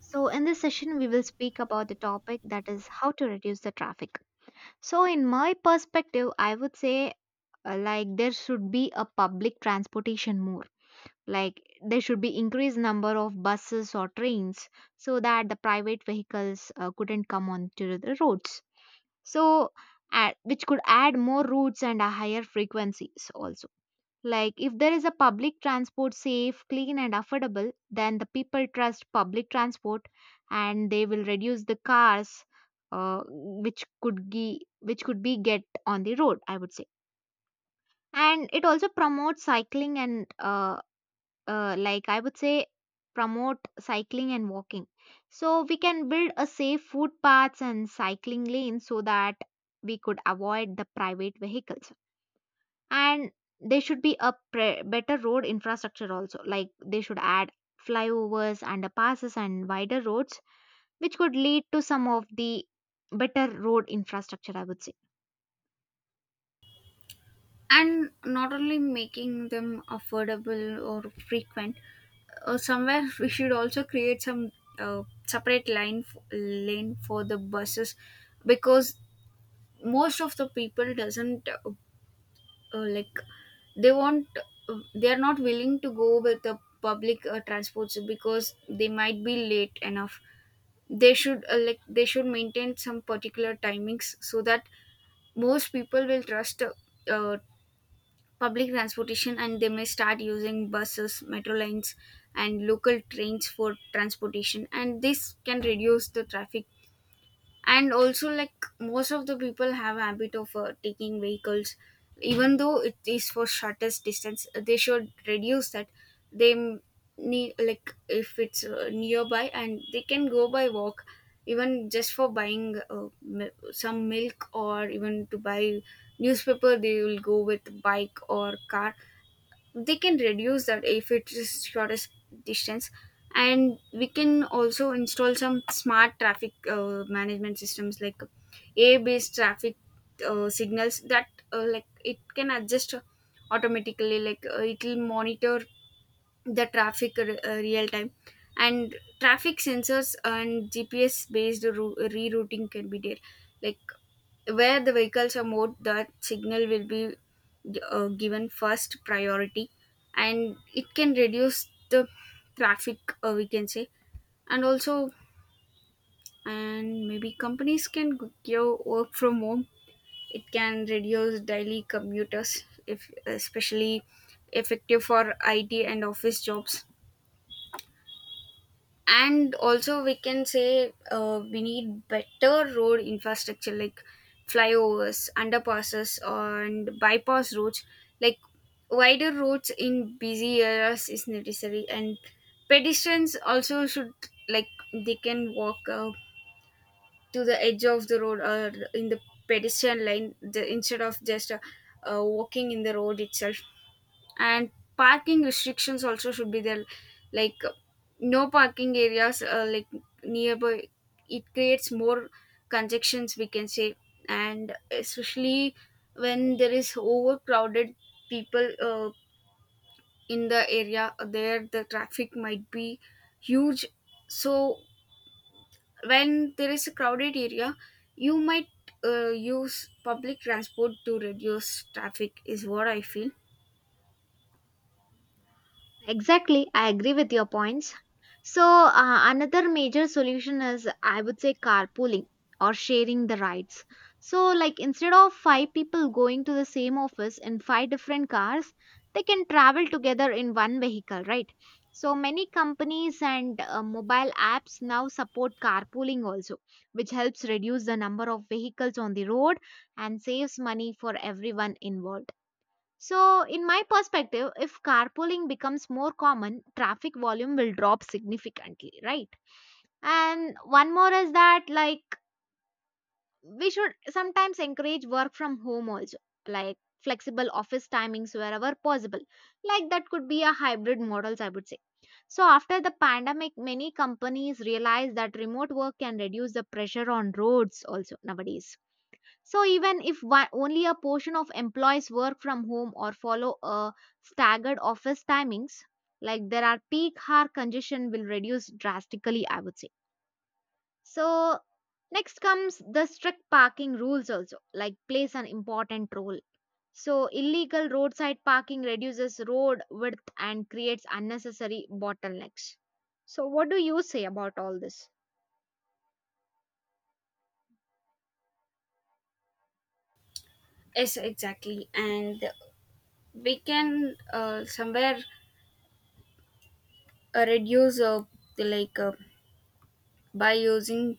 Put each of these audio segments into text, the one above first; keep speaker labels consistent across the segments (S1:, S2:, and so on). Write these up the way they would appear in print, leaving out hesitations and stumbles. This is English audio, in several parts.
S1: So, in this session, we will speak about the topic that is how to reduce the traffic. So, in my perspective, I would say like there should be a public transportation more. Like there should be increased number of buses or trains so that the private vehicles couldn't come onto the roads. So, which could add more routes and a higher frequencies also like, if there is a public transport safe, clean, and affordable, then the people trust public transport and they will reduce the cars, which could be get on the road. I would say, and it also promotes cycling and like I would say promote cycling and walking. So we can build a safe footpaths and cycling lanes so that we could avoid the private vehicles and there should be a better road infrastructure also like they should add flyovers and passes and wider roads which could lead to some of the better road infrastructure I would say.
S2: And not only making them affordable or frequent, somewhere we should also create some separate lane for the buses, because most of the people doesn't like, they want, they are not willing to go with the public transports because they might be late enough. They should like, they should maintain some particular timings so that most people will trust uh, public transportation, and they may start using buses, metro lines and local trains for transportation, and this can reduce the traffic. And also, like, most of the people have a habit of taking vehicles even though it is for shortest distance. They should reduce that. they m- Need, like, if it's nearby and they can go by walk, even just for buying some milk or even to buy newspaper, they will go with bike or car. They can reduce that if it is shortest distance. And we can also install some smart traffic management systems, like a based traffic signals that, like, it can adjust automatically, like it will monitor the traffic real time. And traffic sensors and gps based rerouting can be there, like, where the vehicles are more, that signal will be given first priority, and it can reduce the traffic, we can say. And also, and maybe companies can give work from home, it can reduce daily commuters, if especially effective for it and office jobs. And also, we can say we need better road infrastructure, like flyovers, underpasses and bypass roads, like wider roads in busy areas is necessary. And pedestrians also should, like, they can walk to the edge of the road, or in the pedestrian line, the, instead of just walking in the road itself. And parking restrictions also should be there, like no parking areas, like nearby, it creates more congestions, we can say. And especially when there is overcrowded people in the area, there the traffic might be huge. So when there is a crowded area, you might use public transport to reduce traffic, is what I feel.
S1: Exactly, I agree with your points. So, another major solution is I would say carpooling or sharing the rides. So, like instead of five people going to the same office in five different cars, they can travel together in one vehicle, right? So, many companies and mobile apps now support carpooling also, which helps reduce the number of vehicles on the road and saves money for everyone involved. So, in my perspective, if carpooling becomes more common, traffic volume will drop significantly, right? And one more is that, like, we should sometimes encourage work from home also, like flexible office timings wherever possible. Like, that could be a hybrid models, I would say. So, after the pandemic, many companies realize that remote work can reduce the pressure on roads also nowadays. So even if one, only a portion of employees work from home or follow a staggered office timings, like there are peak hour congestion will reduce drastically, I would say. So next comes the strict parking rules also, like plays an important role. So illegal roadside parking reduces road width and creates unnecessary bottlenecks. So what do you say about all this?
S2: Yes, exactly. And we can somewhere reduce, like by using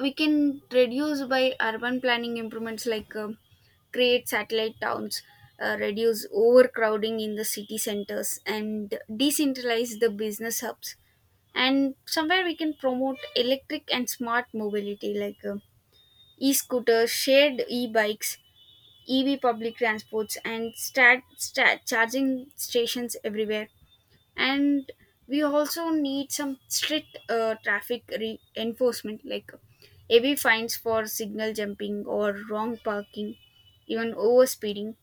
S2: we can reduce by urban planning improvements, like create satellite towns, reduce overcrowding in the city centers and decentralize the business hubs. And somewhere we can promote electric and smart mobility, like e-scooters, shared e-bikes, ev public transports and stat charging stations everywhere. And we also need some strict traffic enforcement, like heavy fines for signal jumping or wrong parking, even overspeeding,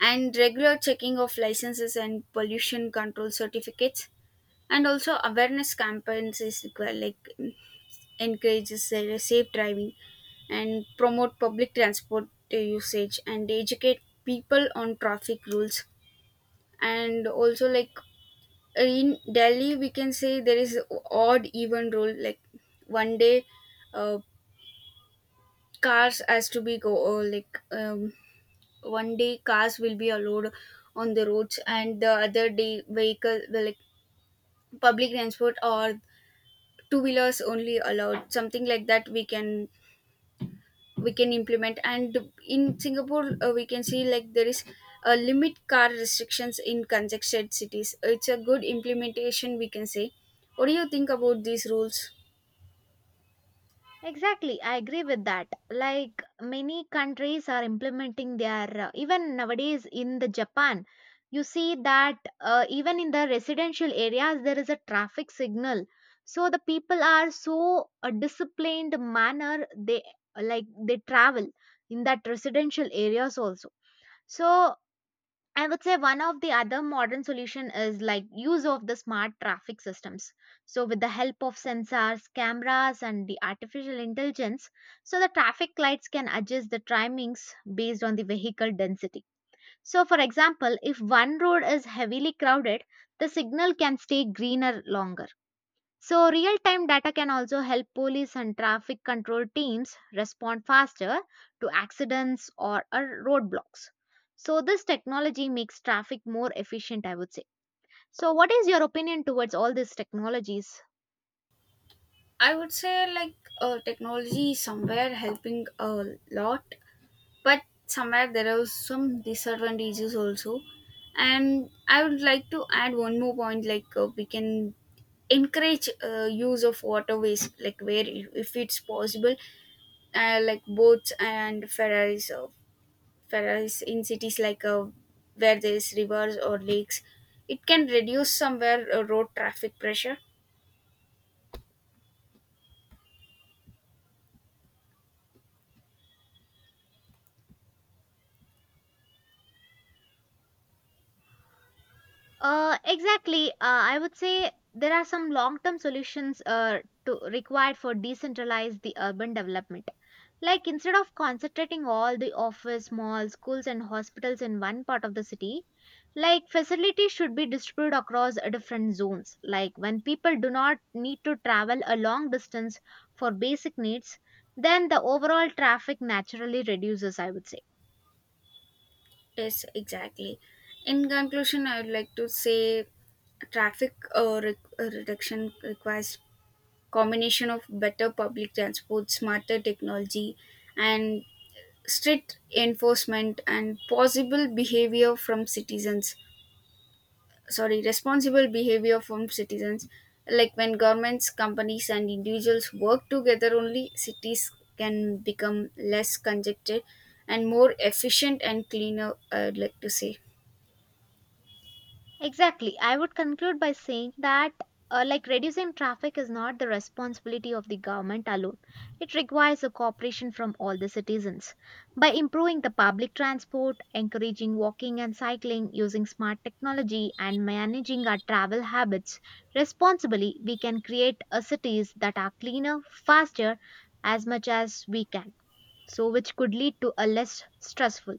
S2: and regular checking of licenses and pollution control certificates. And also awareness campaigns is required, like encourages safe driving and promote public transport usage and educate people on traffic rules. And also, like, in Delhi, we can say there is odd even rule. Like one day, uh, cars has to be go, or like one day cars will be allowed on the roads, and the other day vehicle the, like public transport or two wheelers only allowed. Something like that we can, we can implement. And in Singapore, we can see, like, there is a limit car restrictions in congested cities. It's a good implementation, we can say. What do you think about these rules?
S1: Exactly, I agree with that. Like many countries are implementing their, even nowadays in the Japan, you see that even in the residential areas there is a traffic signal. So the people are so disciplined manner they like they travel in that residential areas also. So I would say one of the other modern solution is like use of the smart traffic systems. So with the help of sensors, cameras and the artificial intelligence, so the traffic lights can adjust the timings based on the vehicle density. So for example, if one road is heavily crowded, the signal can stay greener longer so, real time data can also help police and traffic control teams respond faster to accidents or roadblocks. So, this technology makes traffic more efficient, I would say. So, what is your opinion towards all these technologies?
S2: I would say, like, technology is somewhere helping a lot, but somewhere there are some disadvantages also. And I would like to add one more point, like, we can encourage use of waterways, like, where if it's possible, like boats and ferries, ferries in cities, like, where there's rivers or lakes, it can reduce somewhere road traffic pressure.
S1: Exactly. I would say there are some long-term solutions to required for decentralized the urban development. Like instead of concentrating all the office, malls, schools, and hospitals in one part of the city, like facilities should be distributed across different zones. Like when people do not need to travel a long distance for basic needs, then the overall traffic naturally reduces, I would say.
S2: Yes, exactly. In conclusion, I would like to say, traffic reduction requires combination of better public transport, smarter technology, and strict enforcement and possible behavior from citizens. Sorry, responsible behavior from citizens. Like, when governments, companies, and individuals work together, only cities can become less congested and more efficient and cleaner, I would like to say.
S1: Exactly. I would conclude by saying that like reducing traffic is not the responsibility of the government alone. It requires a cooperation from all the citizens. By improving the public transport, encouraging walking and cycling, using smart technology and managing our travel habits responsibly, we can create a cities that are cleaner, faster as much as we can. So which could lead to a less stressful